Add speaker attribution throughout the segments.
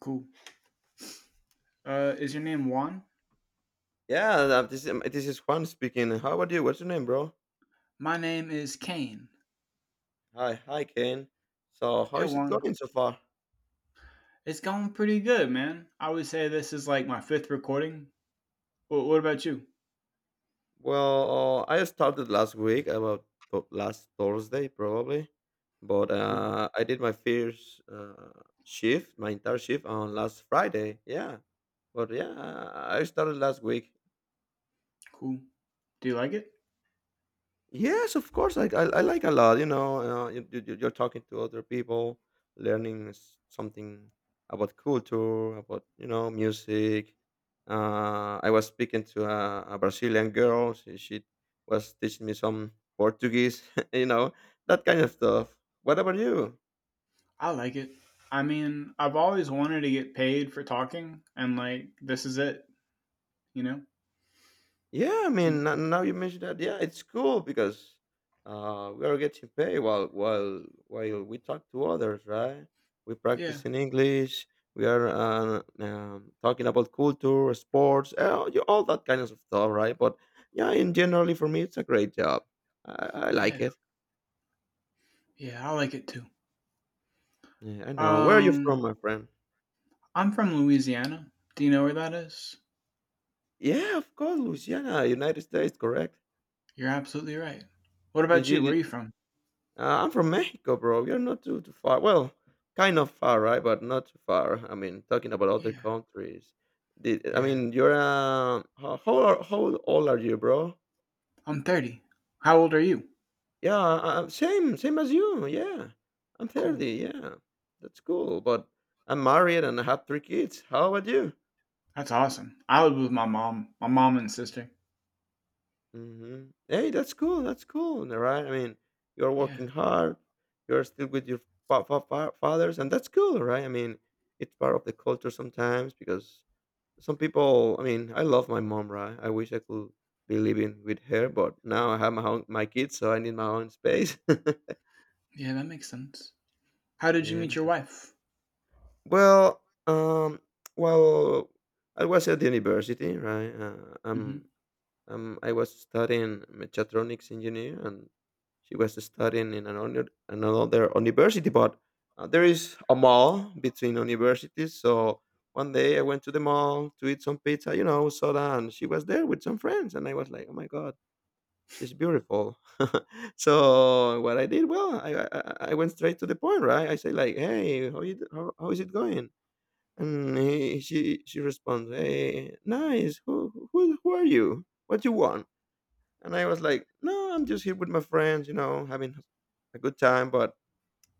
Speaker 1: Cool. Is your name Juan?
Speaker 2: Yeah, this is Juan speaking. How about you? What's your name, bro?
Speaker 1: My name is Kane.
Speaker 2: Hi, hi, Ken. So, how
Speaker 1: Hey,
Speaker 2: is it
Speaker 1: Juan.
Speaker 2: going so far?
Speaker 1: It's going pretty good, man. I would say this is like my fifth recording. What about you?
Speaker 2: Well, I started last week, about last Thursday, probably. But
Speaker 1: Cool.
Speaker 2: I did my first shift, my entire shift on last Friday. Yeah, but yeah, I started last week.
Speaker 1: Cool. Do you like it?
Speaker 2: Yes, of course. Like I like a lot. You know, you're talking to other people, learning something about culture, about you know music. I was speaking to a Brazilian girl. She was teaching me some Portuguese. you know that kind of stuff. What about you?
Speaker 1: I like it. I mean, I've always wanted to get paid for talking, and like, this is it, you know?
Speaker 2: Yeah, I
Speaker 1: You-
Speaker 2: mean, now you mentioned that. Yeah, it's cool because we are getting paid while we talk to others, right? We
Speaker 1: Yeah.
Speaker 2: practice in English. We are talking about culture, sports, all that kind of stuff, right? But yeah, in generally for me, it's a great job. I like
Speaker 1: Yeah.
Speaker 2: it.
Speaker 1: Yeah. I like it too.
Speaker 2: Yeah, I know. Where are you from,
Speaker 1: Um,
Speaker 2: my friend?
Speaker 1: I'm from Louisiana. Do you know where that is?
Speaker 2: Yeah, of course, Louisiana, United States, correct?
Speaker 1: You're absolutely right. What
Speaker 2: Did
Speaker 1: about you? Where are
Speaker 2: you?
Speaker 1: you from?
Speaker 2: I'm from Mexico, bro. You're not too far. Well, kind of far, right? But not too far. I mean, talking about other
Speaker 1: Yeah.
Speaker 2: countries. Did, I
Speaker 1: Yeah.
Speaker 2: mean, you're how old are you, bro?
Speaker 1: I'm 30. How old are you?
Speaker 2: Yeah, uh, same as you. Yeah, I'm
Speaker 1: Cool.
Speaker 2: 30. Yeah, that's cool. But I'm married and I have three kids. How about you?
Speaker 1: That's awesome. I lived with my mom and sister.
Speaker 2: Hmm Hey, that's cool. That's cool. All right? I mean, you're
Speaker 1: Yeah.
Speaker 2: working hard. You're still with your fathers, and that's cool, right? I mean, it's part of the culture sometimes because some people, I mean, I love my mom, right? I wish I could be living with her, but now I have my own, my kids, so I need my own space.
Speaker 1: Yeah, that makes sense. How did you
Speaker 2: Yeah,
Speaker 1: meet your wife?
Speaker 2: well, um well, I was at the university, right? I'm
Speaker 1: hmm
Speaker 2: I was studying mechatronics engineer, and she was studying in another university. But there is a mall between universities, so one day I went to the mall to eat some pizza, you know, soda, and she was there with some friends, and I was like, oh my god, she's beautiful. So what I did, well, I went straight to the point, right? I say like, hey, how is it going? And he, she responds, hey, nice. Who are you? What you want? And I was like, no, I'm just here with my friends, you know, having a good time. But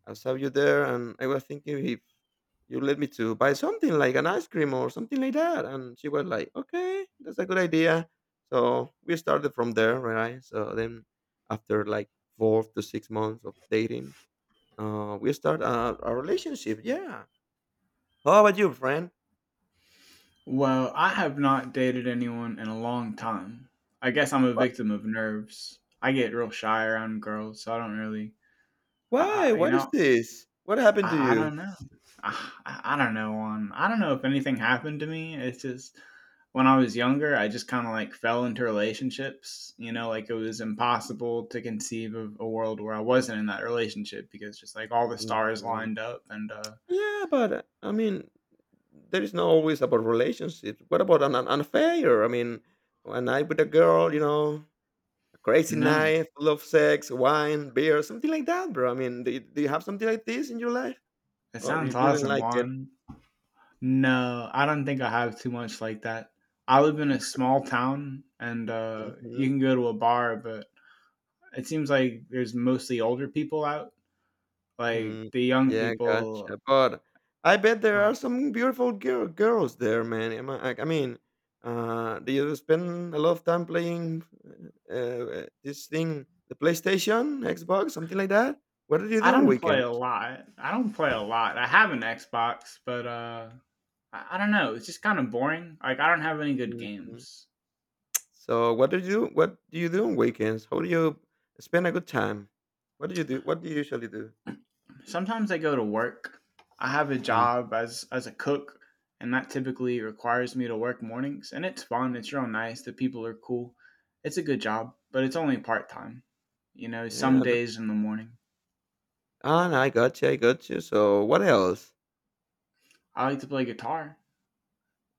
Speaker 2: I saw you there, and I was thinking if you led me to buy something like an ice cream or something like that. And she was like, okay, that's a good idea. So we started from there, right? So then after like 4 to 6 months of dating, we start a relationship. Yeah. How about you, friend?
Speaker 1: Well, I have not dated anyone in a long time. I guess I'm a
Speaker 2: What?
Speaker 1: victim of nerves. I get real shy around girls, so I don't really, I,
Speaker 2: Why?
Speaker 1: I you
Speaker 2: What is
Speaker 1: know,
Speaker 2: this? What happened to
Speaker 1: I
Speaker 2: you?
Speaker 1: don't know. I don't know on I don't know if anything happened to me. It's just when I was younger, I just kind of like fell into relationships, you know, like it was impossible to conceive of a world where I wasn't in that relationship because just like all the stars
Speaker 2: Mhm.
Speaker 1: lined up and.
Speaker 2: Yeah, but I mean, there is not always about relationships. What about an affair? I mean, a night with a girl, you know, a crazy
Speaker 1: No.
Speaker 2: night full of sex, wine, beer, something like that, bro. I mean, do you have something like this in your life,
Speaker 1: It
Speaker 2: or
Speaker 1: sounds
Speaker 2: you didn't
Speaker 1: awesome,
Speaker 2: like it?
Speaker 1: Juan. No, I don't think I have too much like that. I live in a small town and you can
Speaker 2: Hmm.
Speaker 1: go to a bar, but it seems like there's mostly older people out. Like
Speaker 2: Hmm.
Speaker 1: the young
Speaker 2: Yeah,
Speaker 1: people.
Speaker 2: gotcha. But I bet there
Speaker 1: Um,
Speaker 2: are some beautiful girls there, man. Am I mean, do you spend a lot of time playing this thing, the PlayStation, Xbox, something like that? What do you
Speaker 1: I
Speaker 2: do on
Speaker 1: don't play a
Speaker 2: weekends?
Speaker 1: lot. I don't play a lot. I have an Xbox, but I don't know. It's just kind of boring. Like I don't have any good
Speaker 2: Mm-hmm.
Speaker 1: games.
Speaker 2: So what do you do? What do you do on weekends? How do you spend a good time? What do you do? What do you usually do?
Speaker 1: Sometimes I go to work. I have a
Speaker 2: Yeah.
Speaker 1: job as a cook, and that typically requires me to work mornings. And it's fun. It's real nice. The people are cool. It's a good job, but it's only part time. You know, some
Speaker 2: Yeah, that,
Speaker 1: days in the morning.
Speaker 2: ah, no, I got you. I got you. So what else?
Speaker 1: I like to play guitar.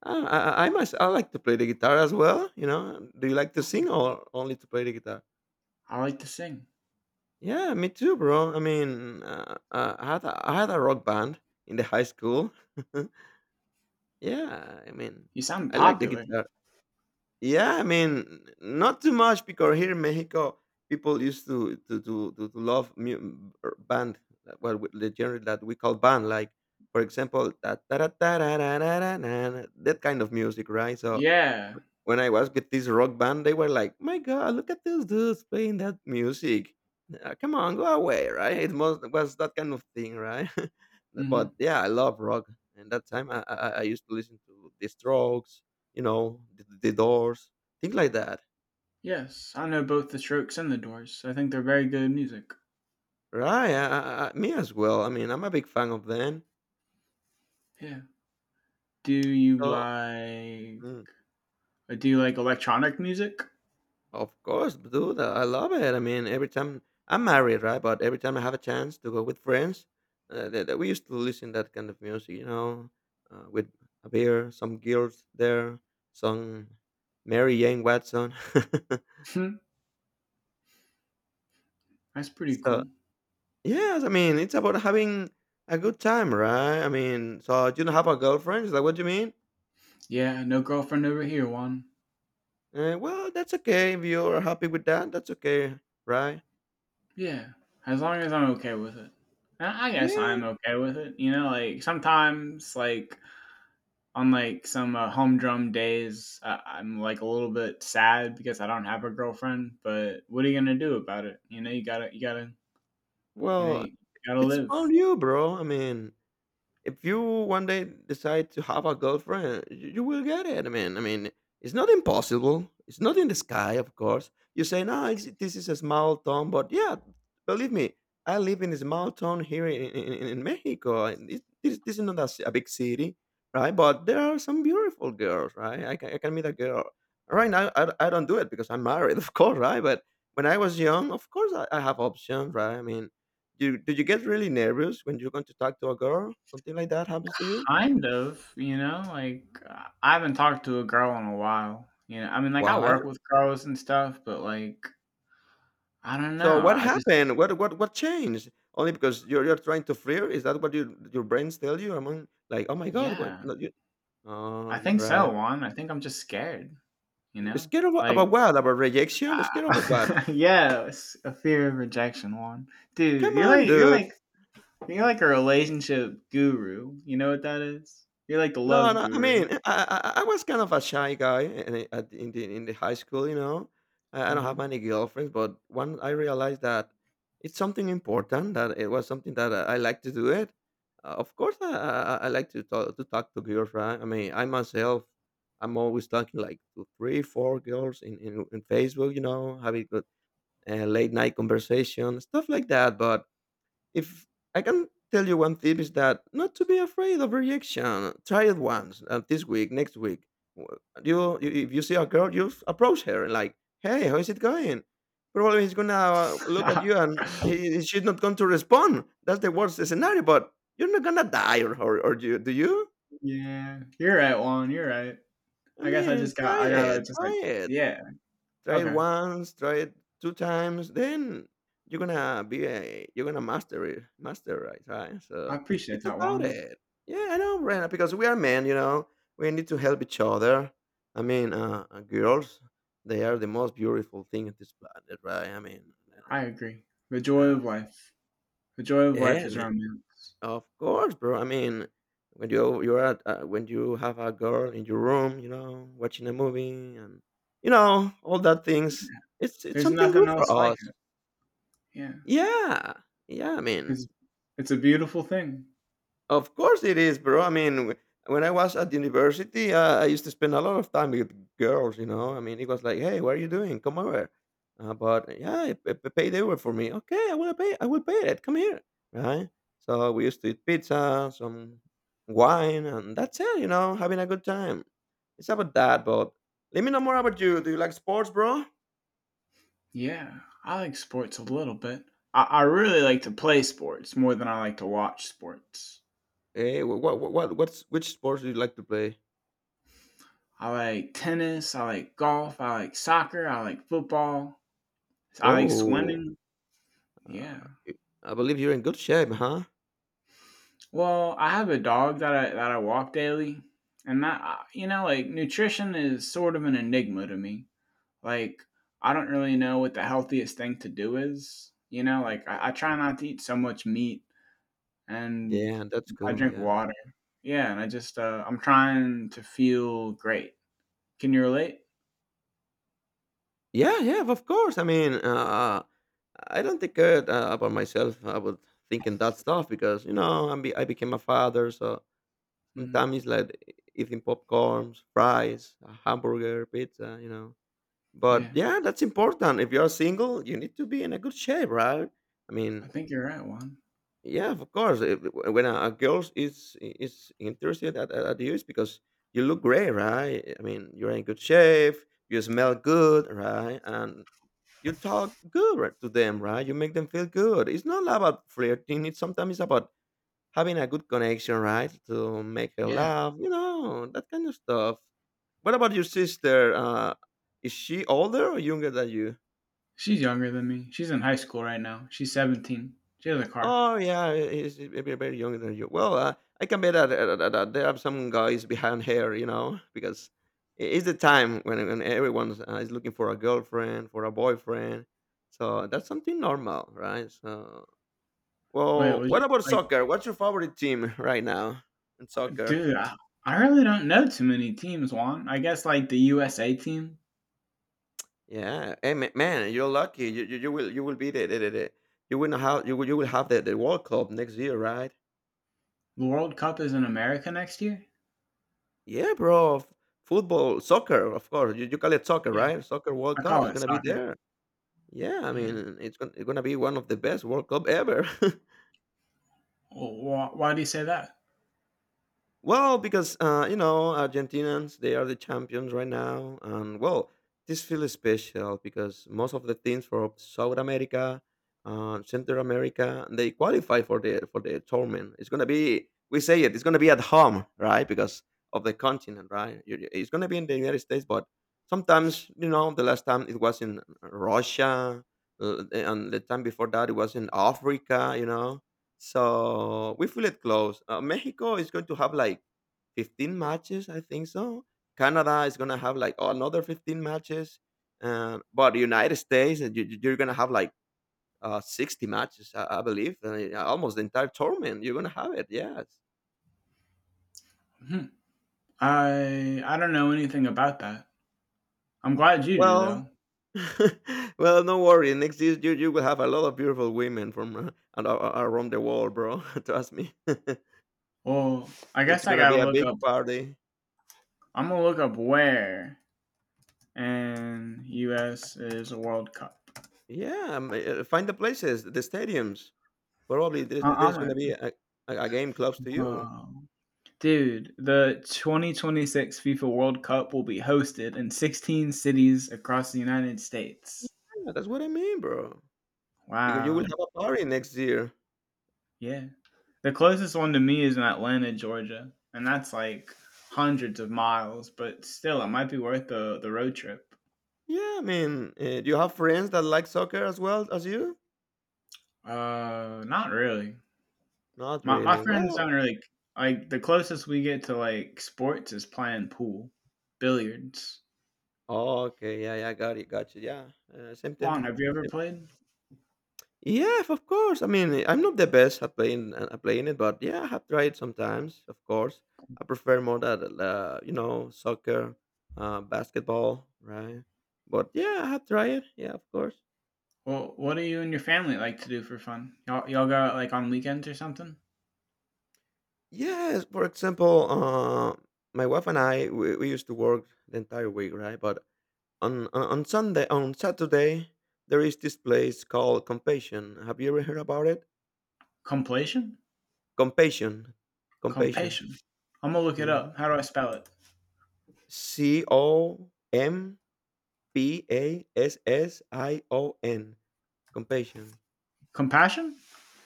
Speaker 2: Ah, I must. I like to play the guitar as well. You know, do you like to
Speaker 1: Cool.
Speaker 2: sing or only to play the guitar?
Speaker 1: I like to sing.
Speaker 2: Yeah, me too, bro. I mean, I had a rock band in the high school. Yeah, I mean,
Speaker 1: You sound
Speaker 2: I like the
Speaker 1: popular.
Speaker 2: guitar. Yeah, I mean, not too much because here in Mexico, people used to love band, well, with the genre that we call band, like for example, ta- ta- ra- ra- ra- ra- na- na, that kind of music, right? So
Speaker 1: Yeah.
Speaker 2: when I was with this rock band, they were like, "My God, look at those dudes playing that music! Come on, go away!" Right? It must, was that kind of thing, right? But
Speaker 1: hmm
Speaker 2: yeah, I love rock, and that time I used to listen to The Strokes, you know, the Doors, things like that.
Speaker 1: Yes, I know both The Strokes and The Doors, so I think they're very good music.
Speaker 2: Right? Me as well. I mean, I'm a big fan of them.
Speaker 1: Yeah. Do you
Speaker 2: So.
Speaker 1: like
Speaker 2: Mm.
Speaker 1: uh, do you like electronic music?
Speaker 2: Of course, dude. I love it. I mean, every time I'm married, right? But every time I have a chance to go with friends, that we used to listen that kind of music, you know, with a beer, some girls there, some Mary Jane Watson.
Speaker 1: Hmm, that's pretty
Speaker 2: So
Speaker 1: cool.
Speaker 2: yes, I mean, it's about having a good time, right? I mean, so you don't have a girlfriend? It's like, what do you mean?
Speaker 1: Yeah, no girlfriend over here, one.
Speaker 2: Well, that's okay. If you're happy with that, that's okay, right?
Speaker 1: Yeah, as long as I'm okay with it. I guess
Speaker 2: Yeah.
Speaker 1: I'm okay with it. You know, like sometimes, like on like some humdrum days, I'm like a little bit sad because I don't have a girlfriend. But what are you gonna do about it? You know, you know,
Speaker 2: Well,
Speaker 1: you gotta
Speaker 2: it's
Speaker 1: live.
Speaker 2: upon you, bro. I mean. If you one day decide to have a girlfriend, you will get it. I mean, it's not impossible. It's not in the sky, of course. You say, no, it's, this is a small town, but yeah, believe me, I live in a small town here in Mexico. And this, this is not a big city, right? But there are some beautiful girls, right? I can meet a girl. Right now, I don't do it because I'm married, of course, right? But when I was young, of course, I have options, right? I mean, do you get really nervous when you're going to talk to a girl? Something like that happens to you?
Speaker 1: Kind of, you know, like I haven't talked to a girl in a while. You know, I mean, like I
Speaker 2: Why?
Speaker 1: work with girls and stuff, but like I don't know.
Speaker 2: So what
Speaker 1: I just,
Speaker 2: happened? What changed? Only because you're trying to flirt? Is that what your brains tell you? Among like, oh my god, what?
Speaker 1: yeah,
Speaker 2: No, you, oh,
Speaker 1: I
Speaker 2: you're
Speaker 1: think so,
Speaker 2: right.
Speaker 1: Juan. I think I'm just scared. You know,
Speaker 2: Scared of,
Speaker 1: like
Speaker 2: about what? About rejection? Scared of what?
Speaker 1: I, yeah, it's a fear of rejection, Juan. Dude,
Speaker 2: Come
Speaker 1: you're
Speaker 2: on,
Speaker 1: like you're
Speaker 2: dude.
Speaker 1: like you're like a relationship guru. You know what that is? You're like the
Speaker 2: No,
Speaker 1: love
Speaker 2: no, I
Speaker 1: guru.
Speaker 2: mean, I was kind of a shy guy in the in the high school, you know. I don't have
Speaker 1: hmm
Speaker 2: many girlfriends, but when I realized that it's something important, that it was something that I like to do it. Of course, I like to talk to girls, right? I mean, I myself, I'm always talking like to 3, 4 girls in Facebook, you know, having good late night conversation, stuff like that. But if I can tell you one tip is that not to be afraid of rejection. Try it once this week, next week. W- You if you see a girl, you approach her and like, hey, how is it going? Probably he's gonna look at you and he, she's not going to respond. That's the worst scenario. But you're not gonna die, or you do you?
Speaker 1: yeah, you're right, Juan. You're right.
Speaker 2: I
Speaker 1: I guess I
Speaker 2: mean,
Speaker 1: just got
Speaker 2: try
Speaker 1: I gotta
Speaker 2: it,
Speaker 1: just like
Speaker 2: try it.
Speaker 1: yeah.
Speaker 2: Try it
Speaker 1: Okay.
Speaker 2: once, try it 2 times, then you're gonna master it, right? Huh?
Speaker 1: I
Speaker 2: So
Speaker 1: appreciate
Speaker 2: it's
Speaker 1: that
Speaker 2: about
Speaker 1: one.
Speaker 2: it. Yeah, I know, Brenna, because we are men, you know, we need to help each other. I mean, girls, they are the most beautiful thing on this planet, right? I mean,
Speaker 1: I agree. The
Speaker 2: uh,
Speaker 1: joy
Speaker 2: uh,
Speaker 1: of life. The joy of life
Speaker 2: yeah, I
Speaker 1: is
Speaker 2: mean,
Speaker 1: romance.
Speaker 2: of course, bro. I mean, when you you're at when you have a girl in your room, you know, watching a movie and you know all that things, it's
Speaker 1: There's
Speaker 2: something
Speaker 1: nothing
Speaker 2: good for
Speaker 1: else like
Speaker 2: us.
Speaker 1: it. Yeah.
Speaker 2: Yeah. Yeah, I mean,
Speaker 1: It's it's a beautiful thing.
Speaker 2: of course it is, bro. I mean, w- when I was at university, I used to spend a lot of time with girls, you know. I mean, it was like, hey, what are you doing? Come over. But yeah, it pay the Uber for me. Okay, I will pay. I will pay it. Come here, right? So we used to eat pizza, some wine, and that's it. You know, having a good time. It's about that. But let me know more about you. Do you like sports, bro?
Speaker 1: Yeah. I like sports a little bit. I really like to play sports more than I like to watch sports.
Speaker 2: Hey, what's which sports do you like to play?
Speaker 1: I like tennis, I like golf, I like soccer, I like football, I like
Speaker 2: Whoa.
Speaker 1: swimming.
Speaker 2: Uh,
Speaker 1: Yeah.
Speaker 2: y I believe you're in good shape, huh?
Speaker 1: Well, I have a dog that I walk daily. And that you know, like nutrition is sort of an enigma to me. Like I don't really know what the healthiest thing to do is. You know,
Speaker 2: Mm.
Speaker 1: like I try not to eat so much meat and
Speaker 2: Yeah, that's
Speaker 1: I
Speaker 2: cool,
Speaker 1: drink
Speaker 2: yeah.
Speaker 1: water. Yeah, and I just I'm trying to feel great. Can you relate?
Speaker 2: Yeah, yeah, of course, I mean, I don't think about myself about thinking that stuff because, you know, I became a father, so
Speaker 1: hmm
Speaker 2: sometimes it's like eating popcorns, fries, a hamburger, pizza, you know? But,
Speaker 1: Yeah,
Speaker 2: yeah, that's important. If you are single, you need to be in a good shape, right? I
Speaker 1: I
Speaker 2: mean.
Speaker 1: think you're right, Juan.
Speaker 2: Yeah, of course. When a girl is interested at you, it's because you look great, right? I mean, you're in good shape. You smell good, right? And you talk good right, to them, right? You make them feel good. It's not about flirting. It's sometimes it's about having a good connection, right? To make her
Speaker 1: Yeah,
Speaker 2: laugh, you know, that kind of stuff. What about your sister? Is she older or younger than you?
Speaker 1: she's younger than me. She's in high school right now. She's 17. She has a car.
Speaker 2: Oh yeah, it's a bit very younger than you. Well, I can bet that there are some guys behind her, you know, because it's the time when everyone is looking for a girlfriend, for a boyfriend. So that's something normal, right? So,
Speaker 1: Wait,
Speaker 2: well,
Speaker 1: was
Speaker 2: what
Speaker 1: you
Speaker 2: about
Speaker 1: like,
Speaker 2: soccer? What's your favorite team right now in soccer?
Speaker 1: dude? I really don't know too many teams, Juan. I guess like the USA team.
Speaker 2: Yeah, hey, man, you're lucky. You will be the you will have you will have the World Cup next year, right?
Speaker 1: The World Cup is in America next year.
Speaker 2: Yeah, bro. F Football, soccer, of course. You call it soccer,
Speaker 1: Yeah,
Speaker 2: right? Soccer
Speaker 1: I
Speaker 2: World Cup
Speaker 1: call
Speaker 2: is
Speaker 1: it
Speaker 2: gonna be
Speaker 1: soccer.
Speaker 2: there. Yeah, I
Speaker 1: Yeah.
Speaker 2: mean, it's gonna be one of the best World Cup ever.
Speaker 1: Well, why do you say that?
Speaker 2: Well, because you know Argentinians, they are the champions right now, and well, this feels special because most of the teams from South America, Central America, they qualify for the tournament. It's gonna be, we say it, it's gonna be at home, right? Because of the continent, right? It's gonna be in the United States, but sometimes you know the last time it was in Russia, and the time before that it was in Africa, you know, so we feel it close. Mexico is going to have like 15 matches, I think so. Canada is going to have like another 15 matches. But United States, you're going to have like 60 matches, I believe. Almost the entire tournament, you're going to have it, yes.
Speaker 1: Hmm. I don't know anything about that. I'm glad you do
Speaker 2: Well,
Speaker 1: though.
Speaker 2: well, no worry. Next year, you will have a lot of beautiful women from around the world, bro. Trust me.
Speaker 1: Well, I
Speaker 2: It's
Speaker 1: guess I
Speaker 2: going to be
Speaker 1: gotta
Speaker 2: a
Speaker 1: look
Speaker 2: big
Speaker 1: up.
Speaker 2: party.
Speaker 1: I'm gonna look up where and U.S. is a World Cup.
Speaker 2: Yeah, find the places, the stadiums. Probably
Speaker 1: I, I'm
Speaker 2: there's
Speaker 1: a,
Speaker 2: gonna be a game close to you.
Speaker 1: Whoa, dude. The 2026 FIFA World Cup will be hosted in 16 cities across the United States.
Speaker 2: Yeah, that's what I mean, bro. You will
Speaker 1: Wow.
Speaker 2: have a party next year.
Speaker 1: Yeah. The closest one to me is in Atlanta, Georgia, and that's like hundreds of miles, but still, it might be worth the road trip.
Speaker 2: Yeah, I mean, do you have friends that like soccer as well as you?
Speaker 1: Not really.
Speaker 2: Not
Speaker 1: My
Speaker 2: really.
Speaker 1: friends
Speaker 2: Well,
Speaker 1: don't really like the closest we get to like sports is playing pool, billiards.
Speaker 2: okay, yeah, yeah, got it, got you. Yeah, same
Speaker 1: Juan,
Speaker 2: thing.
Speaker 1: have you ever
Speaker 2: Same.
Speaker 1: played?
Speaker 2: Yeah, of course. I mean, I'm not the best at playing it, but yeah, I have tried sometimes. Of course, I prefer more that you know soccer, basketball, right? But yeah, I have tried. Yeah, of course.
Speaker 1: Well, what do you and your family like to do for fun? Y'all go out like on weekends or something?
Speaker 2: Yes, for example, my wife and I we used to work the entire week, right? But on Sunday, on Saturday, there is this place called Compassion. Have you ever heard about it?
Speaker 1: Completion?
Speaker 2: Compassion, Compassion.
Speaker 1: Compassion. I'm gonna look it
Speaker 2: Mm-hmm.
Speaker 1: up. How do I spell it?
Speaker 2: Compassion. Compassion.
Speaker 1: Compassion?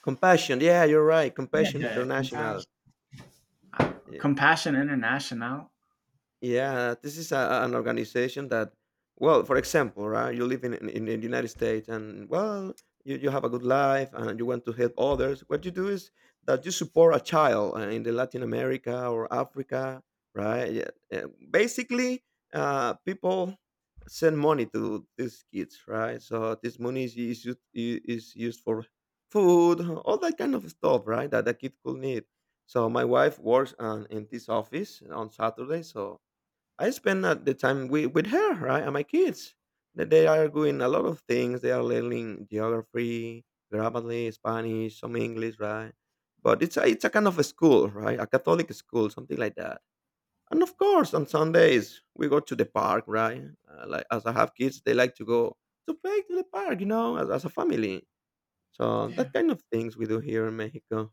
Speaker 2: Compassion. Yeah, you're right. Compassion
Speaker 1: Yeah, compassion.
Speaker 2: International. Yeah.
Speaker 1: Compassion International.
Speaker 2: Yeah, this is a, an organization that, well, for example, right? You live in the United States and, well, you have a good life and you want to help others. What you do is that you support a child in the Latin America or Africa, right? Yeah. Basically, people send money to these kids, right? So this money is used for food, all that kind of stuff, right? That a kid could need. So my wife works in this office on Saturday. So I spend the time with her, right, and my kids. That They are doing a lot of things. They are learning geography, grammarly, Spanish, some English, right? But it's a kind of a school, right? A Catholic school, something like that. And of course, on Sundays we go to the park, right? Like as I have kids, they like to go to play to the park, you know, as a family. So
Speaker 1: Yeah.
Speaker 2: that kind of things we do here in Mexico.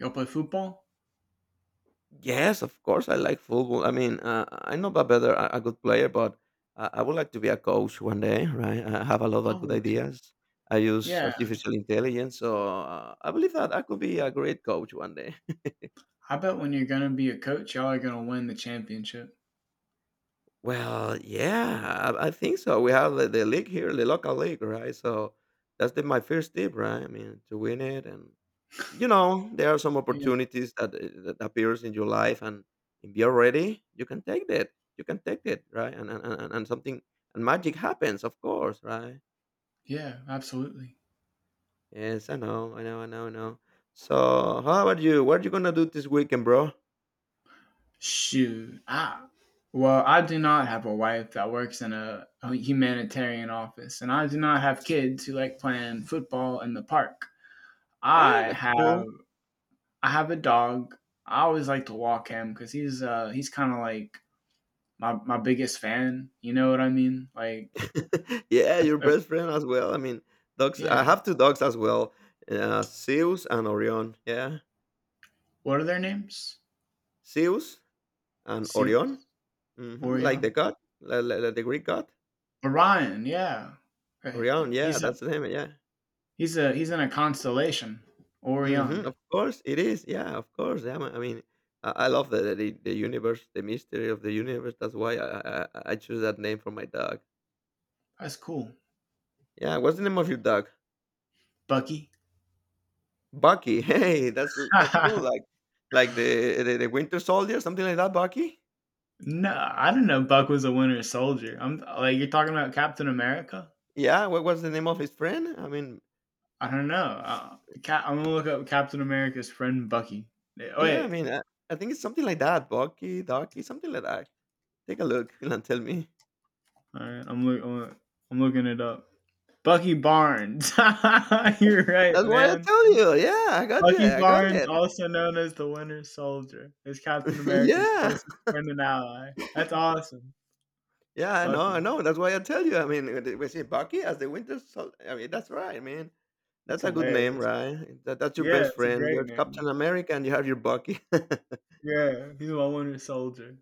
Speaker 1: Y'all play football?
Speaker 2: Yes, of course, I like football. I mean, I'm not a better, a good player, but I would like to be a coach one day, right? I have a lot
Speaker 1: I
Speaker 2: of good
Speaker 1: would too.
Speaker 2: ideas. I use
Speaker 1: Yeah.
Speaker 2: artificial intelligence, so I believe that I could be a great coach one day.
Speaker 1: I bet when you're gonna be a coach, y'all are gonna win the championship.
Speaker 2: Well, yeah, I think so. We have the league here, the local league, right? So that's my first tip, right? I mean, to win it. And you know there are some
Speaker 1: Yeah.
Speaker 2: opportunities that, that appears in your life, and if you're ready you can take that you can take it, right, and something and magic happens, of course, right?
Speaker 1: Yeah, absolutely.
Speaker 2: Yes, I know. So how about you, what are you gonna do this weekend, bro?
Speaker 1: Shoot. I Well, I do not have a wife that works in a humanitarian office, and I do not have kids who like playing football in the park.
Speaker 2: Hey,
Speaker 1: I
Speaker 2: that's
Speaker 1: have
Speaker 2: cool.
Speaker 1: I have a dog. I always like to walk him because he's kind of like my biggest fan. You know what I mean? Like
Speaker 2: Yeah, your
Speaker 1: if,
Speaker 2: best friend as well, I mean, dogs, I
Speaker 1: yeah.
Speaker 2: have two dogs as well, Zeus and Orion, yeah.
Speaker 1: What are their names?
Speaker 2: Zeus and Orion.
Speaker 1: Seals?
Speaker 2: Hmm, like the
Speaker 1: Orion?
Speaker 2: god, like the Greek god.
Speaker 1: Orion, yeah. Right.
Speaker 2: Orion, yeah,
Speaker 1: He's a
Speaker 2: that's the name, yeah.
Speaker 1: he's in a constellation.
Speaker 2: Mhm.
Speaker 1: Orion.
Speaker 2: Of course, it is. Yeah, of course. Yeah, I mean, I love the universe, the mystery of the universe. That's why I choose that name for my dog.
Speaker 1: That's cool.
Speaker 2: Yeah, what's the name of your dog?
Speaker 1: Bucky.
Speaker 2: Bucky. Hey, that's cool.
Speaker 1: No,
Speaker 2: Like the Winter Soldier, something like that. Bucky.
Speaker 1: I don't know. Buck was a Winter Soldier. I'm like you're talking about Captain America.
Speaker 2: Yeah. What was the name of his friend? I mean,
Speaker 1: I don't know. I'm gonna look up Captain America's friend Bucky. Eh,
Speaker 2: yeah. I
Speaker 1: Wait,
Speaker 2: mean, I think it's something like that. Bucky, Ducky, something like that. Take a look and tell me.
Speaker 1: all right. I'm looking it up. Bucky Barnes. You're right,
Speaker 2: That's why I
Speaker 1: man.
Speaker 2: tell you. Yeah, I got you.
Speaker 1: Bucky
Speaker 2: I got
Speaker 1: Barnes,
Speaker 2: it.
Speaker 1: also known as the Winter Soldier, is Captain America's
Speaker 2: Yeah.
Speaker 1: closest friend and ally. That's awesome,
Speaker 2: Yeah, I know, I
Speaker 1: Bucky.
Speaker 2: know. That's why I tell you. I mean, we see Bucky as the Winter Soldier. I mean, that's right, man.
Speaker 1: That's
Speaker 2: That's a good name,
Speaker 1: hilarious.
Speaker 2: right? That's your
Speaker 1: Yeah,
Speaker 2: best
Speaker 1: it's a
Speaker 2: friend.
Speaker 1: great
Speaker 2: You're
Speaker 1: name.
Speaker 2: Captain America, and you have your Bucky.
Speaker 1: Yeah, he's my Winter Soldier.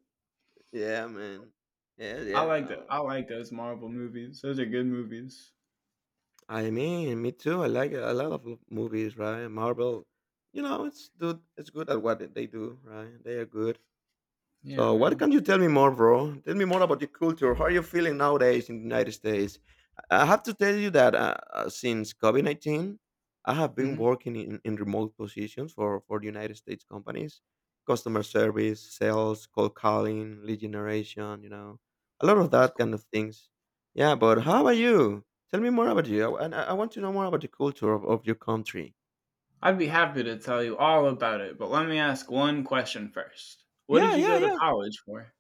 Speaker 2: Yeah, man. Yeah,
Speaker 1: I
Speaker 2: yeah,
Speaker 1: like that.
Speaker 2: no.
Speaker 1: I like those Marvel movies. Those are good movies.
Speaker 2: I mean, me too. I like a lot of movies, right? Marvel, you know, it's good. It's good at what they do, right? They are good.
Speaker 1: Yeah,
Speaker 2: So, what
Speaker 1: man.
Speaker 2: can you tell me more, bro? Tell me more about your culture. How are you feeling nowadays in the United States? I have to tell you that since COVID 19, I have been
Speaker 1: hmm
Speaker 2: working in remote positions for the United States companies, customer service, sales, cold calling, lead generation, you know, a lot of
Speaker 1: That's
Speaker 2: that
Speaker 1: cool.
Speaker 2: kind of things. Yeah, but how about you? Tell me more about you. I want to know more about the culture of your country.
Speaker 1: I'd be happy to tell you all about it, but let me ask one question first. What did
Speaker 2: Yeah,
Speaker 1: you
Speaker 2: yeah,
Speaker 1: go to
Speaker 2: yeah.
Speaker 1: college for?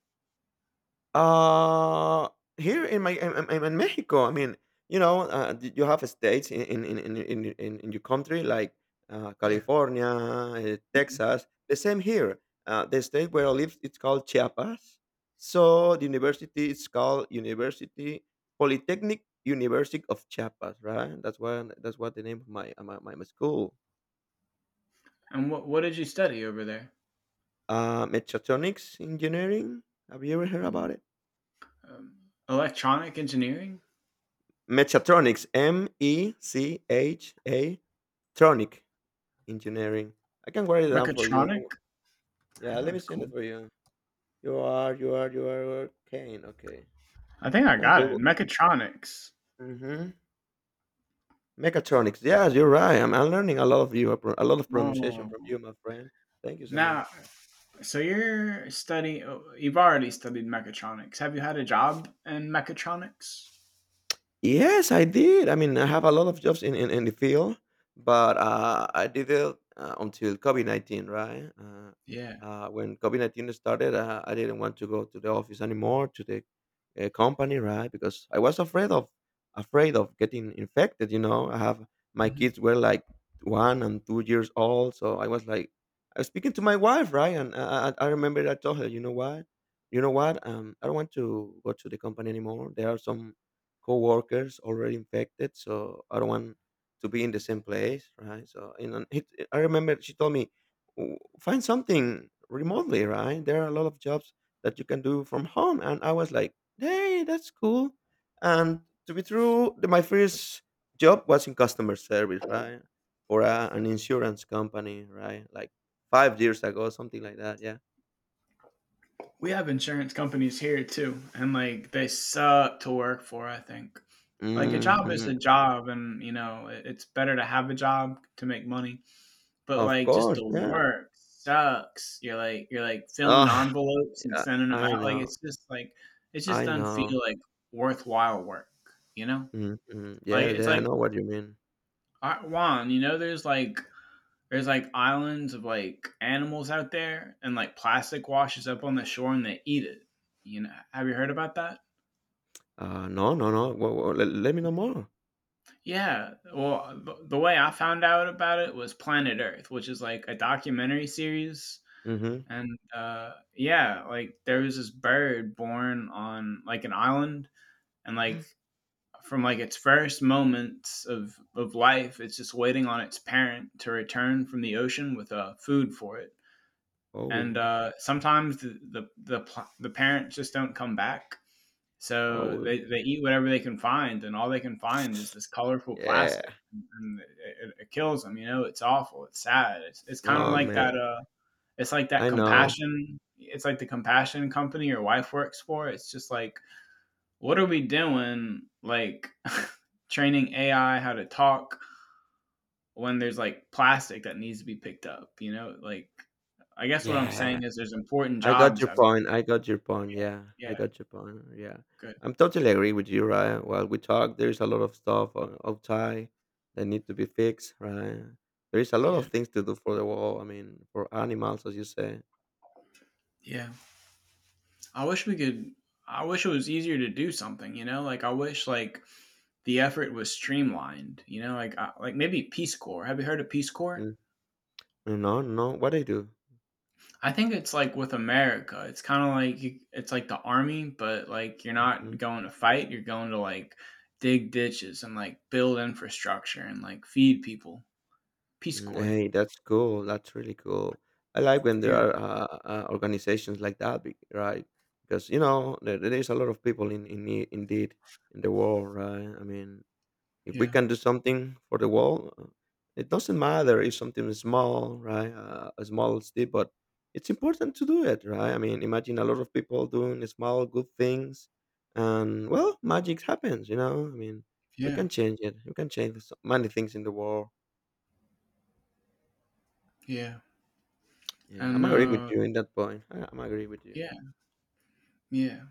Speaker 2: Uh, here in my I'm, I'm in Mexico. I mean, you know, you have states in your country like
Speaker 1: Yeah.
Speaker 2: California,
Speaker 1: Mhm.
Speaker 2: Texas. The same here. The state where I live, it's called Chiapas. So the university is called University Polytechnic University of Chiapas, right? That's what the name of my my school.
Speaker 1: And what did you study over there?
Speaker 2: Mechatronics engineering. Have you ever heard
Speaker 1: Ooh,
Speaker 2: about it?
Speaker 1: um, electronic engineering.
Speaker 2: Mechatronics, Mecha Tronic engineering. I can write it down for you. No wor-
Speaker 1: Mechatronic?
Speaker 2: Yeah,
Speaker 1: That
Speaker 2: let me
Speaker 1: sounds
Speaker 2: send it
Speaker 1: cool.
Speaker 2: for you. You are Kane. Okay,
Speaker 1: I think
Speaker 2: you
Speaker 1: I
Speaker 2: can
Speaker 1: got it.
Speaker 2: Google.
Speaker 1: Mechatronics.
Speaker 2: Mm-hmm. Mechatronics. Yes, you're right. I'm learning a lot of you, a lot of pronunciation
Speaker 1: Whoa.
Speaker 2: from you, my friend. Thank you so
Speaker 1: Now,
Speaker 2: much.
Speaker 1: so you're studying, you've already studied mechatronics. Have you had a job in mechatronics?
Speaker 2: Yes, I did. I mean, I have a lot of jobs in the field, but I did it until COVID 19, right?
Speaker 1: Yeah.
Speaker 2: When COVID 19 started, I didn't want to go to the office anymore, to the company, right? Because I was afraid of getting infected, you know. I have My
Speaker 1: hmm
Speaker 2: kids were like 1 and 2 years old, so I was like, I was speaking to my wife, right? And I remember I told her, you know what? You know what? I don't want to go to the company anymore. There are some coworkers already infected, so I don't want to be in the same place, right? So I remember she told me, " find something remotely, right? There are a lot of jobs that you can do from home," and I was like, hey, that's cool. And to be true, my first job was in customer service, right, for an insurance company, right, like 5 years ago, something like that, yeah.
Speaker 1: We have insurance companies here too, and like they suck to work for, I think. Like a job is a
Speaker 2: Hmm.
Speaker 1: job, and you know, it's better to have a job to make money. But
Speaker 2: Of
Speaker 1: like just
Speaker 2: course,
Speaker 1: the
Speaker 2: yeah.
Speaker 1: work sucks. You're like filling
Speaker 2: Oh,
Speaker 1: envelopes and
Speaker 2: yeah.
Speaker 1: sending them
Speaker 2: I
Speaker 1: out. Like
Speaker 2: know.
Speaker 1: it's just like it just
Speaker 2: I
Speaker 1: doesn't feel
Speaker 2: know.
Speaker 1: like worthwhile work. You know,
Speaker 2: Mhm, mhm.
Speaker 1: like
Speaker 2: Yeah,
Speaker 1: it's
Speaker 2: yeah, I
Speaker 1: like
Speaker 2: know what you mean.
Speaker 1: Juan. You know, there's like islands of like animals out there, and like plastic washes up on the shore and they eat it. You know, have you heard about that?
Speaker 2: No, no, no. Well, well, le let me know more.
Speaker 1: Yeah. Well, the way I found out about it was Planet Earth, which is like a documentary series.
Speaker 2: Mhm.
Speaker 1: And yeah, like there was this bird born on like an island and like from like its first moments of life, it's just waiting on its parent to return from the ocean with food for it. And
Speaker 2: Oh,
Speaker 1: sometimes the parents just don't come back. So
Speaker 2: oh,
Speaker 1: they eat whatever they can find, and all they can find is this colorful plastic,
Speaker 2: yeah.
Speaker 1: and it kills them. You know, it's awful. It's sad. It's kind of
Speaker 2: Oh,
Speaker 1: like
Speaker 2: man,
Speaker 1: that. It's like that
Speaker 2: I know.
Speaker 1: compassion. It's like the compassion company your wife works for. It's just like, what are we doing? Like training AI how to talk when there's like plastic that needs to be picked up, you know? Like, I guess what I'm
Speaker 2: Yeah,
Speaker 1: saying is there's important
Speaker 2: I got
Speaker 1: jobs.
Speaker 2: your point, I got your point, yeah, I
Speaker 1: Yeah,
Speaker 2: got your point, yeah.
Speaker 1: good.
Speaker 2: I'm totally agree with you, right? While we talk, there's a lot of stuff o outside that need to be fixed, right? There is a lot of
Speaker 1: Yeah,
Speaker 2: things to do for the wall, I mean, for animals, as you say.
Speaker 1: yeah. I wish we could. I wish it was easier to do something, you know? Like, I wish like the effort was streamlined, you know? Like, like maybe Peace Corps. Have you heard of Peace Corps?
Speaker 2: Mm. No, no, what I do?
Speaker 1: I think it's like with America. It's kind of like it's like the army, but like you're not
Speaker 2: Mhm.
Speaker 1: going to fight. You're going to like dig ditches and like build infrastructure and like feed people. Peace
Speaker 2: Mm,
Speaker 1: Corps.
Speaker 2: hey, that's cool. That's really cool. I like when there
Speaker 1: Yeah,
Speaker 2: are organizations like that, right? Because you know there, there is a lot of people in need, indeed in the world, right? I mean, if we
Speaker 1: yeah,
Speaker 2: can do something for the world, it doesn't matter if something is small, right? A small step, but it's important to do it, right? I mean, imagine a lot of people doing small good things, and well, magic happens, you know. I mean, we can
Speaker 1: yeah,
Speaker 2: change it. We can change so many things in the world.
Speaker 1: yeah.
Speaker 2: Yeah,
Speaker 1: And
Speaker 2: I'm agree with you in that point. I'm agree with you.
Speaker 1: yeah, yeah.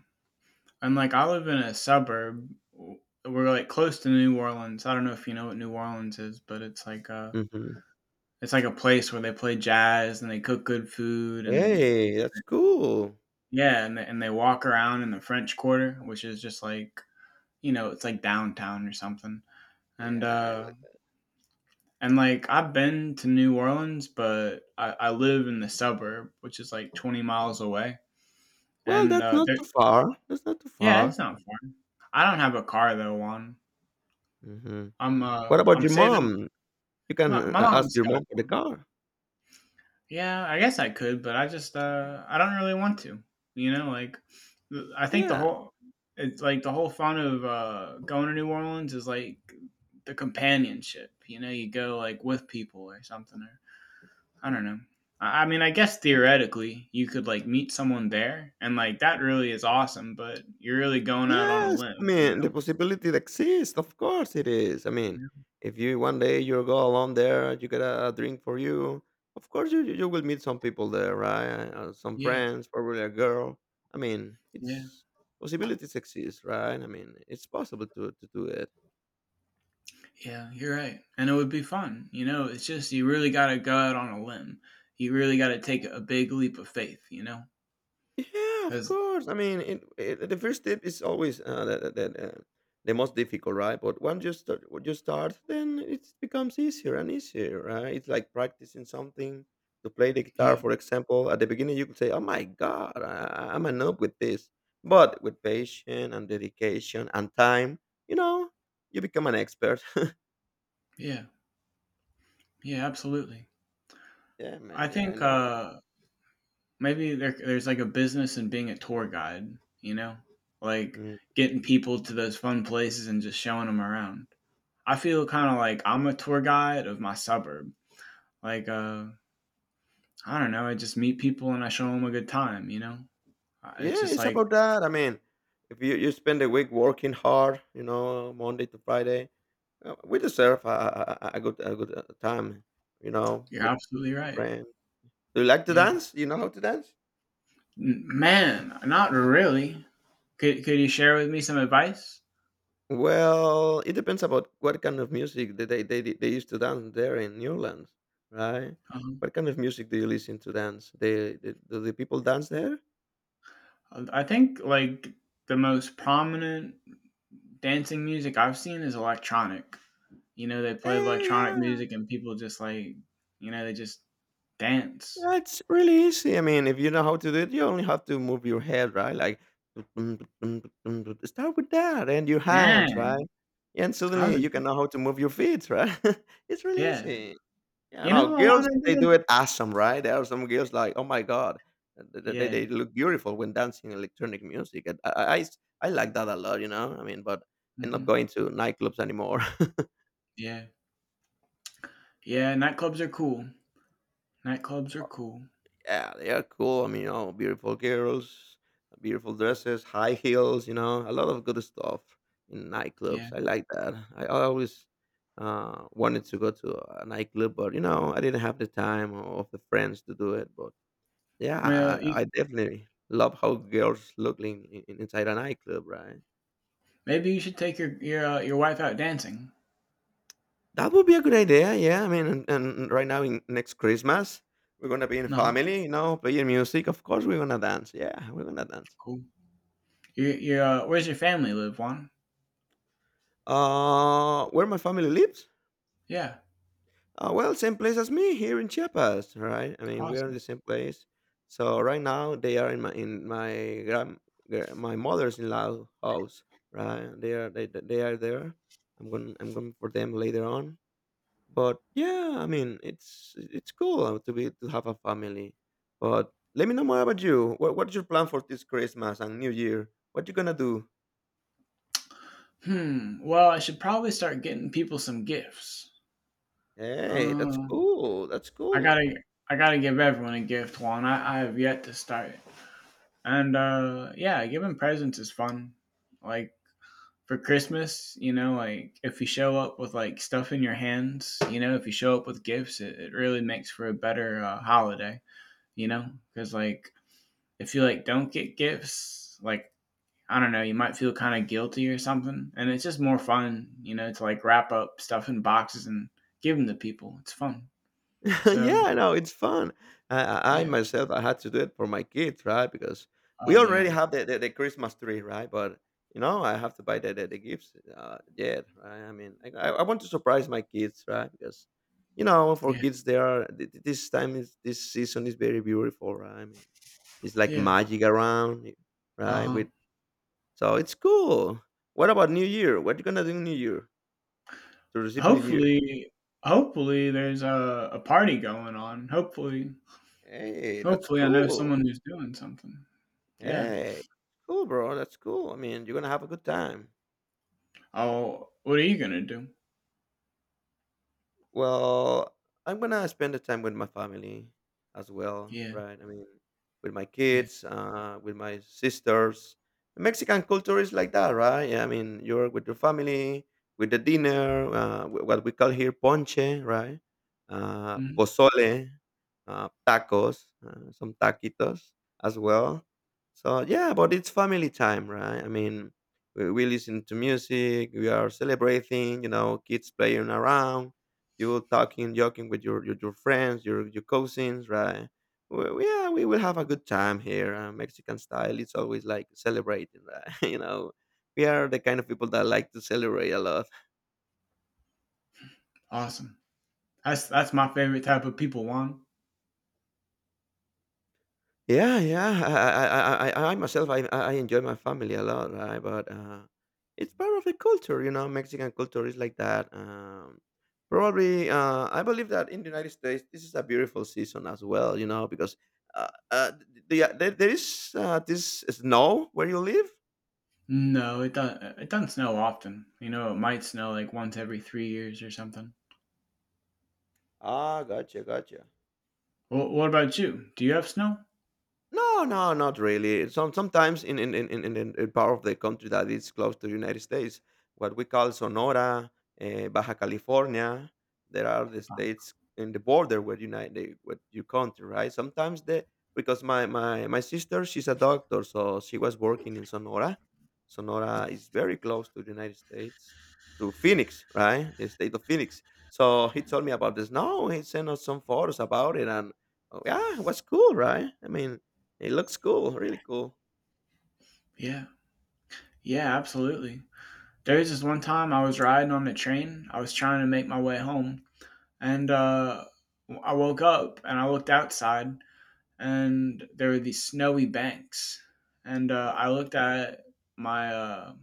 Speaker 1: And like I live in a suburb. We're like close to New Orleans. I don't know if you know what New Orleans is, but
Speaker 2: Hmm.
Speaker 1: it's like a place where they play jazz and they cook good food. And
Speaker 2: Hey, that's cool.
Speaker 1: Yeah, and they walk around in the French Quarter, which is just like, you know, it's like downtown or something. And,
Speaker 2: Yeah, I
Speaker 1: uh,
Speaker 2: like that.
Speaker 1: and like I've been to New Orleans, but I live in the suburb, which is like 20 miles away.
Speaker 2: Well,
Speaker 1: And,
Speaker 2: that's not
Speaker 1: there
Speaker 2: too far. That's not too
Speaker 1: Yeah,
Speaker 2: far.
Speaker 1: it's not far. I don't have a car though, Juan.
Speaker 2: Hmm. What about
Speaker 1: I'm
Speaker 2: your
Speaker 1: saving.
Speaker 2: mom? You can
Speaker 1: My my
Speaker 2: ask
Speaker 1: mom's
Speaker 2: your
Speaker 1: got,
Speaker 2: mom for the car.
Speaker 1: yeah, I guess I could, but I just I don't really want to. You know, like, I think the
Speaker 2: Yeah,
Speaker 1: whole, it's like the whole fun of going to New Orleans is like the companionship. You know, you go like with people or something, or I don't know. I mean, I guess theoretically you could like meet someone there, and like that really is awesome. But you're really going out on a
Speaker 2: yes, I
Speaker 1: limb, you
Speaker 2: mean, the
Speaker 1: know?
Speaker 2: possibility that exists, of course it is. I mean,
Speaker 1: Yeah,
Speaker 2: if you one day you go along there, you get a drink for you. Of course, you will meet some people there, right? Some
Speaker 1: yeah,
Speaker 2: friends, probably a girl. I mean,
Speaker 1: yeah.
Speaker 2: it's possibilities exist, right? I mean, it's possible to do it.
Speaker 1: Yeah, you're right. And it would be fun. You know, it's just you really got to go out on a limb. You really got to take a big leap of faith, you know?
Speaker 2: Yeah, of
Speaker 1: Cuz
Speaker 2: course. I mean, the first step is always the most difficult, right? But once you start, when you start, then it becomes easier and easier, right? It's like practicing something to play the
Speaker 1: yeah,
Speaker 2: guitar, for example. At the beginning, you could say, "Oh my God, I'm a noob with this," but with patience and dedication and time, you know, you become an expert.
Speaker 1: yeah. Yeah, absolutely.
Speaker 2: Yeah,
Speaker 1: I
Speaker 2: man. Yeah, I
Speaker 1: think
Speaker 2: know.
Speaker 1: maybe there's like a business in being a tour guide, you know? Like
Speaker 2: Mm.
Speaker 1: getting people to those fun places and just showing them around. I feel kind of like I'm a tour guide of my suburb. Like, I don't know, I just meet people and I show them a good time, you know? It's
Speaker 2: Yeah,
Speaker 1: just
Speaker 2: it's
Speaker 1: like,
Speaker 2: about that. I mean, if you, you spend a week working hard, you know, Monday to Friday. We deserve a good time, you know,
Speaker 1: you're
Speaker 2: with
Speaker 1: absolutely right.
Speaker 2: friends. Do you like to
Speaker 1: Yeah.
Speaker 2: dance? You know how to dance?
Speaker 1: Man, not really. Could you share with me some advice?
Speaker 2: Well, it depends about what kind of music that they used to dance there in Newlands, right?
Speaker 1: Um,
Speaker 2: What kind of music do you listen to dance? They do the people dance there?
Speaker 1: I think like the most prominent dancing music I've seen is electronic. You know, they play
Speaker 2: Eh,
Speaker 1: electronic
Speaker 2: yeah.
Speaker 1: music and people just like, you know, they just dance.
Speaker 2: Yeah, it's really easy. I mean, if you know how to do it, you only have to move your head, right? Like start with that and your hands,
Speaker 1: Dang,
Speaker 2: right? And
Speaker 1: how's
Speaker 2: suddenly
Speaker 1: it?
Speaker 2: you can know how to move your feet, right? It's really
Speaker 1: Yeah.
Speaker 2: easy. Yeah,
Speaker 1: You
Speaker 2: no,
Speaker 1: know, I want
Speaker 2: girls
Speaker 1: to think
Speaker 2: they
Speaker 1: of,
Speaker 2: do it awesome, right? There are some girls like, oh my god,
Speaker 1: yeah,
Speaker 2: they look beautiful when dancing electronic music. And I like that a lot, you know. I mean, but I'm not
Speaker 1: hmm,
Speaker 2: going to nightclubs anymore.
Speaker 1: yeah, yeah. Nightclubs are cool. Nightclubs are cool.
Speaker 2: Yeah, they are cool. I mean, you know, beautiful girls, beautiful dresses, high heels, you know, a lot of good stuff in
Speaker 1: Yeah.
Speaker 2: nightclubs. I like that. I always wanted to go to a nightclub, but, you know, I didn't have the time or the friends to do it. But yeah,
Speaker 1: Well, you,
Speaker 2: I definitely love how girls look inside a nightclub, right?
Speaker 1: maybe you should take your wife out dancing.
Speaker 2: That would be a good idea. Yeah, I mean, and right now, in next Christmas, we're gonna be in
Speaker 1: No,
Speaker 2: family, you know, playing music. Of course, we're gonna dance. Yeah, we're gonna dance.
Speaker 1: cool. Your Where's your family live, Juan?
Speaker 2: Where my family lives?
Speaker 1: Yeah,
Speaker 2: Well, same place as me here in Chiapas, right? I mean, we are in
Speaker 1: awesome.
Speaker 2: the same place. So right now they are in my my mother's-in-law house, right? They are there. I'm going for them later on. But yeah, I mean, it's cool to have a family. But let me know more about you. What's your plan for this Christmas and New Year? What you gonna do?
Speaker 1: Hmm. Well, I should probably start getting people some gifts.
Speaker 2: Hey, that's
Speaker 1: Um,
Speaker 2: cool. That's
Speaker 1: I
Speaker 2: cool.
Speaker 1: gotta, I gotta give everyone a gift, Juan. I have yet to start. And yeah, giving presents is fun. Like, for Christmas, you know, like if you show up with like stuff in your hands, you know, if you show up with gifts, it really makes for a better holiday, you know, because like if you like don't get gifts, like, I don't know, you might feel kind of guilty or something. And it's just more fun, you know, to like wrap up stuff in boxes and give them to people. It's fun. So,
Speaker 2: Yeah, no, it's fun. I
Speaker 1: yeah.
Speaker 2: myself, I had to do it for my kids, right? Because
Speaker 1: Oh,
Speaker 2: we already
Speaker 1: yeah.
Speaker 2: have the Christmas tree, right? But you know, I have to buy the the gifts yet, right? I mean, I, I want to surprise my kids, right? Because you know, for
Speaker 1: Yeah.
Speaker 2: kids, they are th- th- this time is this season is very beautiful, right? I mean, it's like
Speaker 1: Yeah.
Speaker 2: magic around, right?
Speaker 1: Uh-huh.
Speaker 2: With so it's cool. What about New Year? What you gonna do New Year to receive New Year?
Speaker 1: Hopefully, hopefully there's a party going on. Hopefully,
Speaker 2: Hey, that's
Speaker 1: hopefully I know
Speaker 2: cool.
Speaker 1: someone who's doing something. Yeah.
Speaker 2: Hey, cool, bro. That's cool. I mean, you're gonna have a good time.
Speaker 1: Oh, what are you going to do?
Speaker 2: Well, I'm gonna spend the time with my family as well,
Speaker 1: Yeah.
Speaker 2: right? I mean, with my
Speaker 1: Yeah.
Speaker 2: kids, with my sisters. The Mexican culture is like that, right? I mean, you're with your family, with the dinner, what we call here ponche, right?
Speaker 1: Mhm.
Speaker 2: Pozole, tacos, some taquitos as well. So yeah, but it's family time, right? I mean, we listen to music, we are celebrating, you know, kids playing around, you will talking, joking with your friends, your cousins, right? Well, yeah, we will have a good time here. Mexican style, it's always like celebrating, right? You know, we are the kind of people that like to celebrate a lot.
Speaker 1: Awesome. That's my favorite type of people, Juan.
Speaker 2: Yeah, yeah. I myself, I enjoy my family a lot, right? But it's part of the culture, you know. Mexican culture is like that. Probably, I believe that in the United States, this is a beautiful season as well, you know, because uh, uh, there is this snow where you live.
Speaker 1: No, it does. It doesn't snow often. You know, it might snow like once every 3 years or something.
Speaker 2: Ah, gotcha, gotcha.
Speaker 1: Well, what about you? Do you have snow?
Speaker 2: No, no, not really. Sometimes in part of the country that is close to the United States, what we call Sonora, Baja California, there are the states in the border with United with your country, right? Sometimes the because my sister she's a doctor, so she was working in Sonora. Sonora is very close to the United States, to Phoenix, right? The state of Phoenix. So he told me about this. No, he sent us some photos about it, and oh, yeah, it was cool, right? I mean, it looks cool, really cool.
Speaker 1: Yeah, yeah, absolutely. There was this one time I was riding on the train. I was trying to make my way home, and I woke up and I looked outside, and there were these snowy banks. And
Speaker 2: Oh
Speaker 1: I looked at my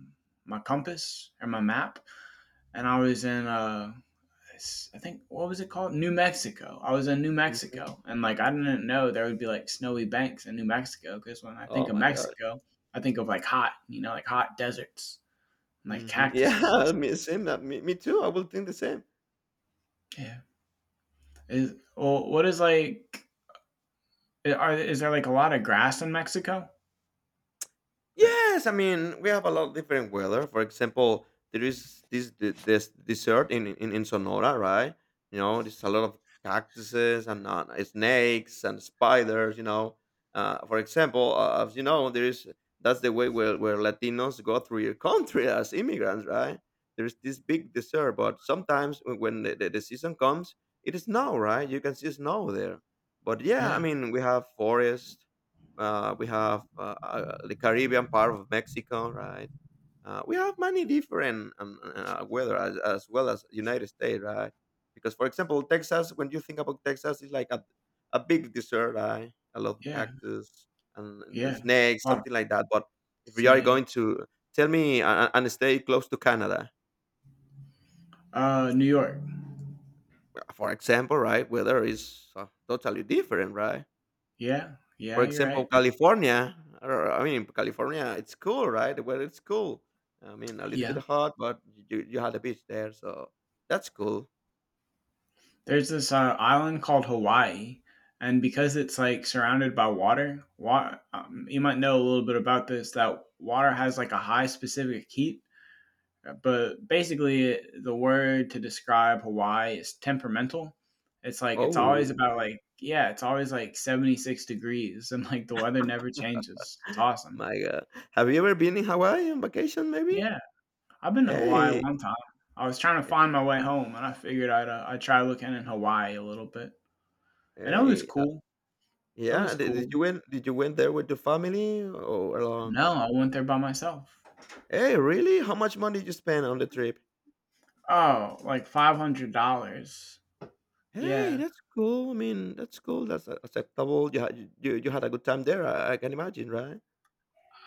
Speaker 1: my compass or my map, and I was in I think what was it called? New Mexico. I was in New
Speaker 2: my Mhm.
Speaker 1: Mexico, and like I didn't know there would be like snowy banks in New Mexico, because when I think
Speaker 2: Oh
Speaker 1: of
Speaker 2: my gosh.
Speaker 1: Mexico, I think of like hot, you know, like hot deserts and like
Speaker 2: Mhm.
Speaker 1: cactuses and
Speaker 2: Yeah,
Speaker 1: stuff.
Speaker 2: me same, me too, I will think the same.
Speaker 1: Yeah. Is, well, what is like? Are is there like a lot of grass in Mexico? Right.
Speaker 2: Yes, I mean we have a lot of different weather. For example, there is this desert in Sonora, right? You know, there's a lot of cactuses and snakes and spiders. You know, for example, as you know, there is that's the way where Latinos go through your country as immigrants, right? There's this big desert, but sometimes when the season comes, it is snow, right? You can see snow there. But yeah, I
Speaker 1: Yeah.
Speaker 2: mean we have forests. We have the Caribbean part of Mexico, right? We have many different weather as well as United States, right? Because, for example, Texas, when you think about Texas, it's like a big desert, right? A lot of
Speaker 1: Yeah.
Speaker 2: cactus and
Speaker 1: Yeah.
Speaker 2: snakes,
Speaker 1: A lot of
Speaker 2: something like that. But if we are going
Speaker 1: snakes.
Speaker 2: to tell me and stay close to Canada,
Speaker 1: New York.
Speaker 2: for example, right? Weather is totally different, right?
Speaker 1: Yeah.
Speaker 2: For
Speaker 1: Yeah. You're
Speaker 2: example,
Speaker 1: right. It's,
Speaker 2: California, or I mean, California, it's cool, right? The weather it's cool. I mean, a little bit
Speaker 1: yeah.
Speaker 2: hot, but you had a beach there, so that's cool.
Speaker 1: There's this island called Hawaii, and because it's like surrounded by water, you might know a little bit about this, that water has like a high specific heat. But basically, it, the word to describe Hawaii is temperamental. It's like it's always
Speaker 2: Oh
Speaker 1: about like, yeah, it's always like 76 degrees, and like the weather never changes. It's awesome.
Speaker 2: my god, have you ever been in Hawaii on vacation? Maybe.
Speaker 1: Yeah, I've been to Hawaii
Speaker 2: Hey,
Speaker 1: one time. I was trying to
Speaker 2: eh,
Speaker 1: find my way home, and I figured I'd try looking in Hawaii a little bit, and it was
Speaker 2: hey,
Speaker 1: cool. It was
Speaker 2: yeah. Did
Speaker 1: cool.
Speaker 2: you went? Did you went there with the family or alone?
Speaker 1: No, I went there by myself.
Speaker 2: Hey, really? How much money did you spend on the trip?
Speaker 1: Oh, like $500.
Speaker 2: Hey,
Speaker 1: Yeah,
Speaker 2: that's cool. I mean, that's cool. That's acceptable. You, you had a good time there. I can imagine, right?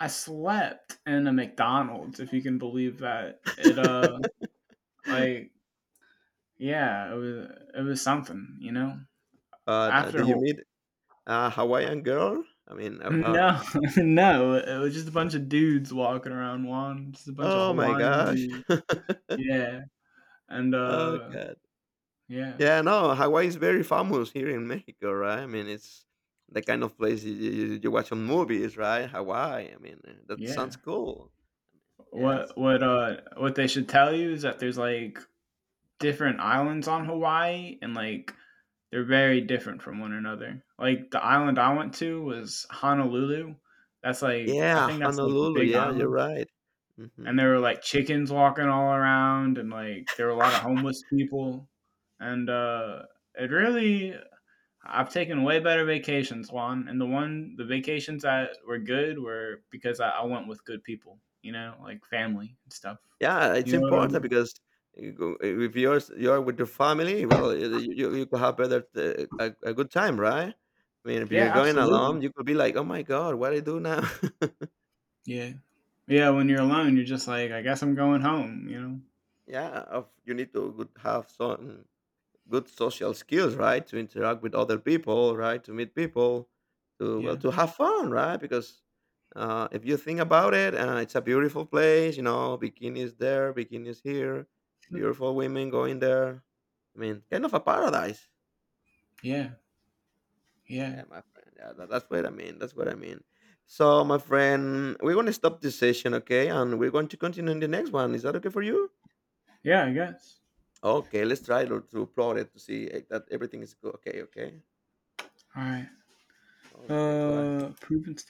Speaker 1: I slept in a McDonald's. If you can believe that, it like yeah, it was, it was something, you know. After
Speaker 2: Did you
Speaker 1: whole,
Speaker 2: meet a Hawaiian girl? I mean,
Speaker 1: no, no, it was just a bunch of dudes walking around. Juan, just a bunch of
Speaker 2: oh my
Speaker 1: Hawaiian
Speaker 2: gosh.
Speaker 1: dudes. Yeah, and
Speaker 2: Oh god.
Speaker 1: yeah,
Speaker 2: Yeah, no, Hawaii is very famous here in Mexico, right? I mean, it's the kind of place you watch on movies, right? Hawaii. I mean, that
Speaker 1: yeah.
Speaker 2: sounds cool. Yes.
Speaker 1: What what they should tell you is that there's like different islands on Hawaii, and like they're very different from one another. Like the island I went to was Honolulu. That's like, I
Speaker 2: Yeah,
Speaker 1: think that's like the
Speaker 2: Honolulu.
Speaker 1: big
Speaker 2: Yeah, you're
Speaker 1: island.
Speaker 2: right.
Speaker 1: And
Speaker 2: Hmm.
Speaker 1: there were like chickens walking all around and like there were a lot of homeless people. And it really, I've taken way better vacations, Juan. And the vacations that were good were because I went with good people, you know, like family and stuff.
Speaker 2: Yeah, it's
Speaker 1: You know what I
Speaker 2: important
Speaker 1: mean?
Speaker 2: because if you're with your family, well, you could have better a good time, right? I mean, if
Speaker 1: Yeah,
Speaker 2: you're going
Speaker 1: absolutely.
Speaker 2: alone, you could be like, "Oh my God, what I do now?"
Speaker 1: Yeah. Yeah, when you're alone, you're just like, I guess I'm going home, you know?
Speaker 2: Yeah, of, you need to good have some good social skills, right? To interact with other people, right? To meet people, to well,
Speaker 1: Yeah.
Speaker 2: to have fun, right? Because if you think about it, it's a beautiful place. You know, bikinis there, bikinis here, beautiful women going there. I mean, kind of a paradise.
Speaker 1: Yeah. Yeah.
Speaker 2: Yeah, my friend. Yeah, that, that's what I mean. That's what I mean. So, my friend, we're going to stop this session, okay? And we're going to continue in the next one. Is that okay for you?
Speaker 1: Yeah, I guess.
Speaker 2: Okay, let's try to plot it to see that everything is good. Okay, okay.
Speaker 1: All right.
Speaker 2: Okay, go ahead.
Speaker 1: Proven stuff.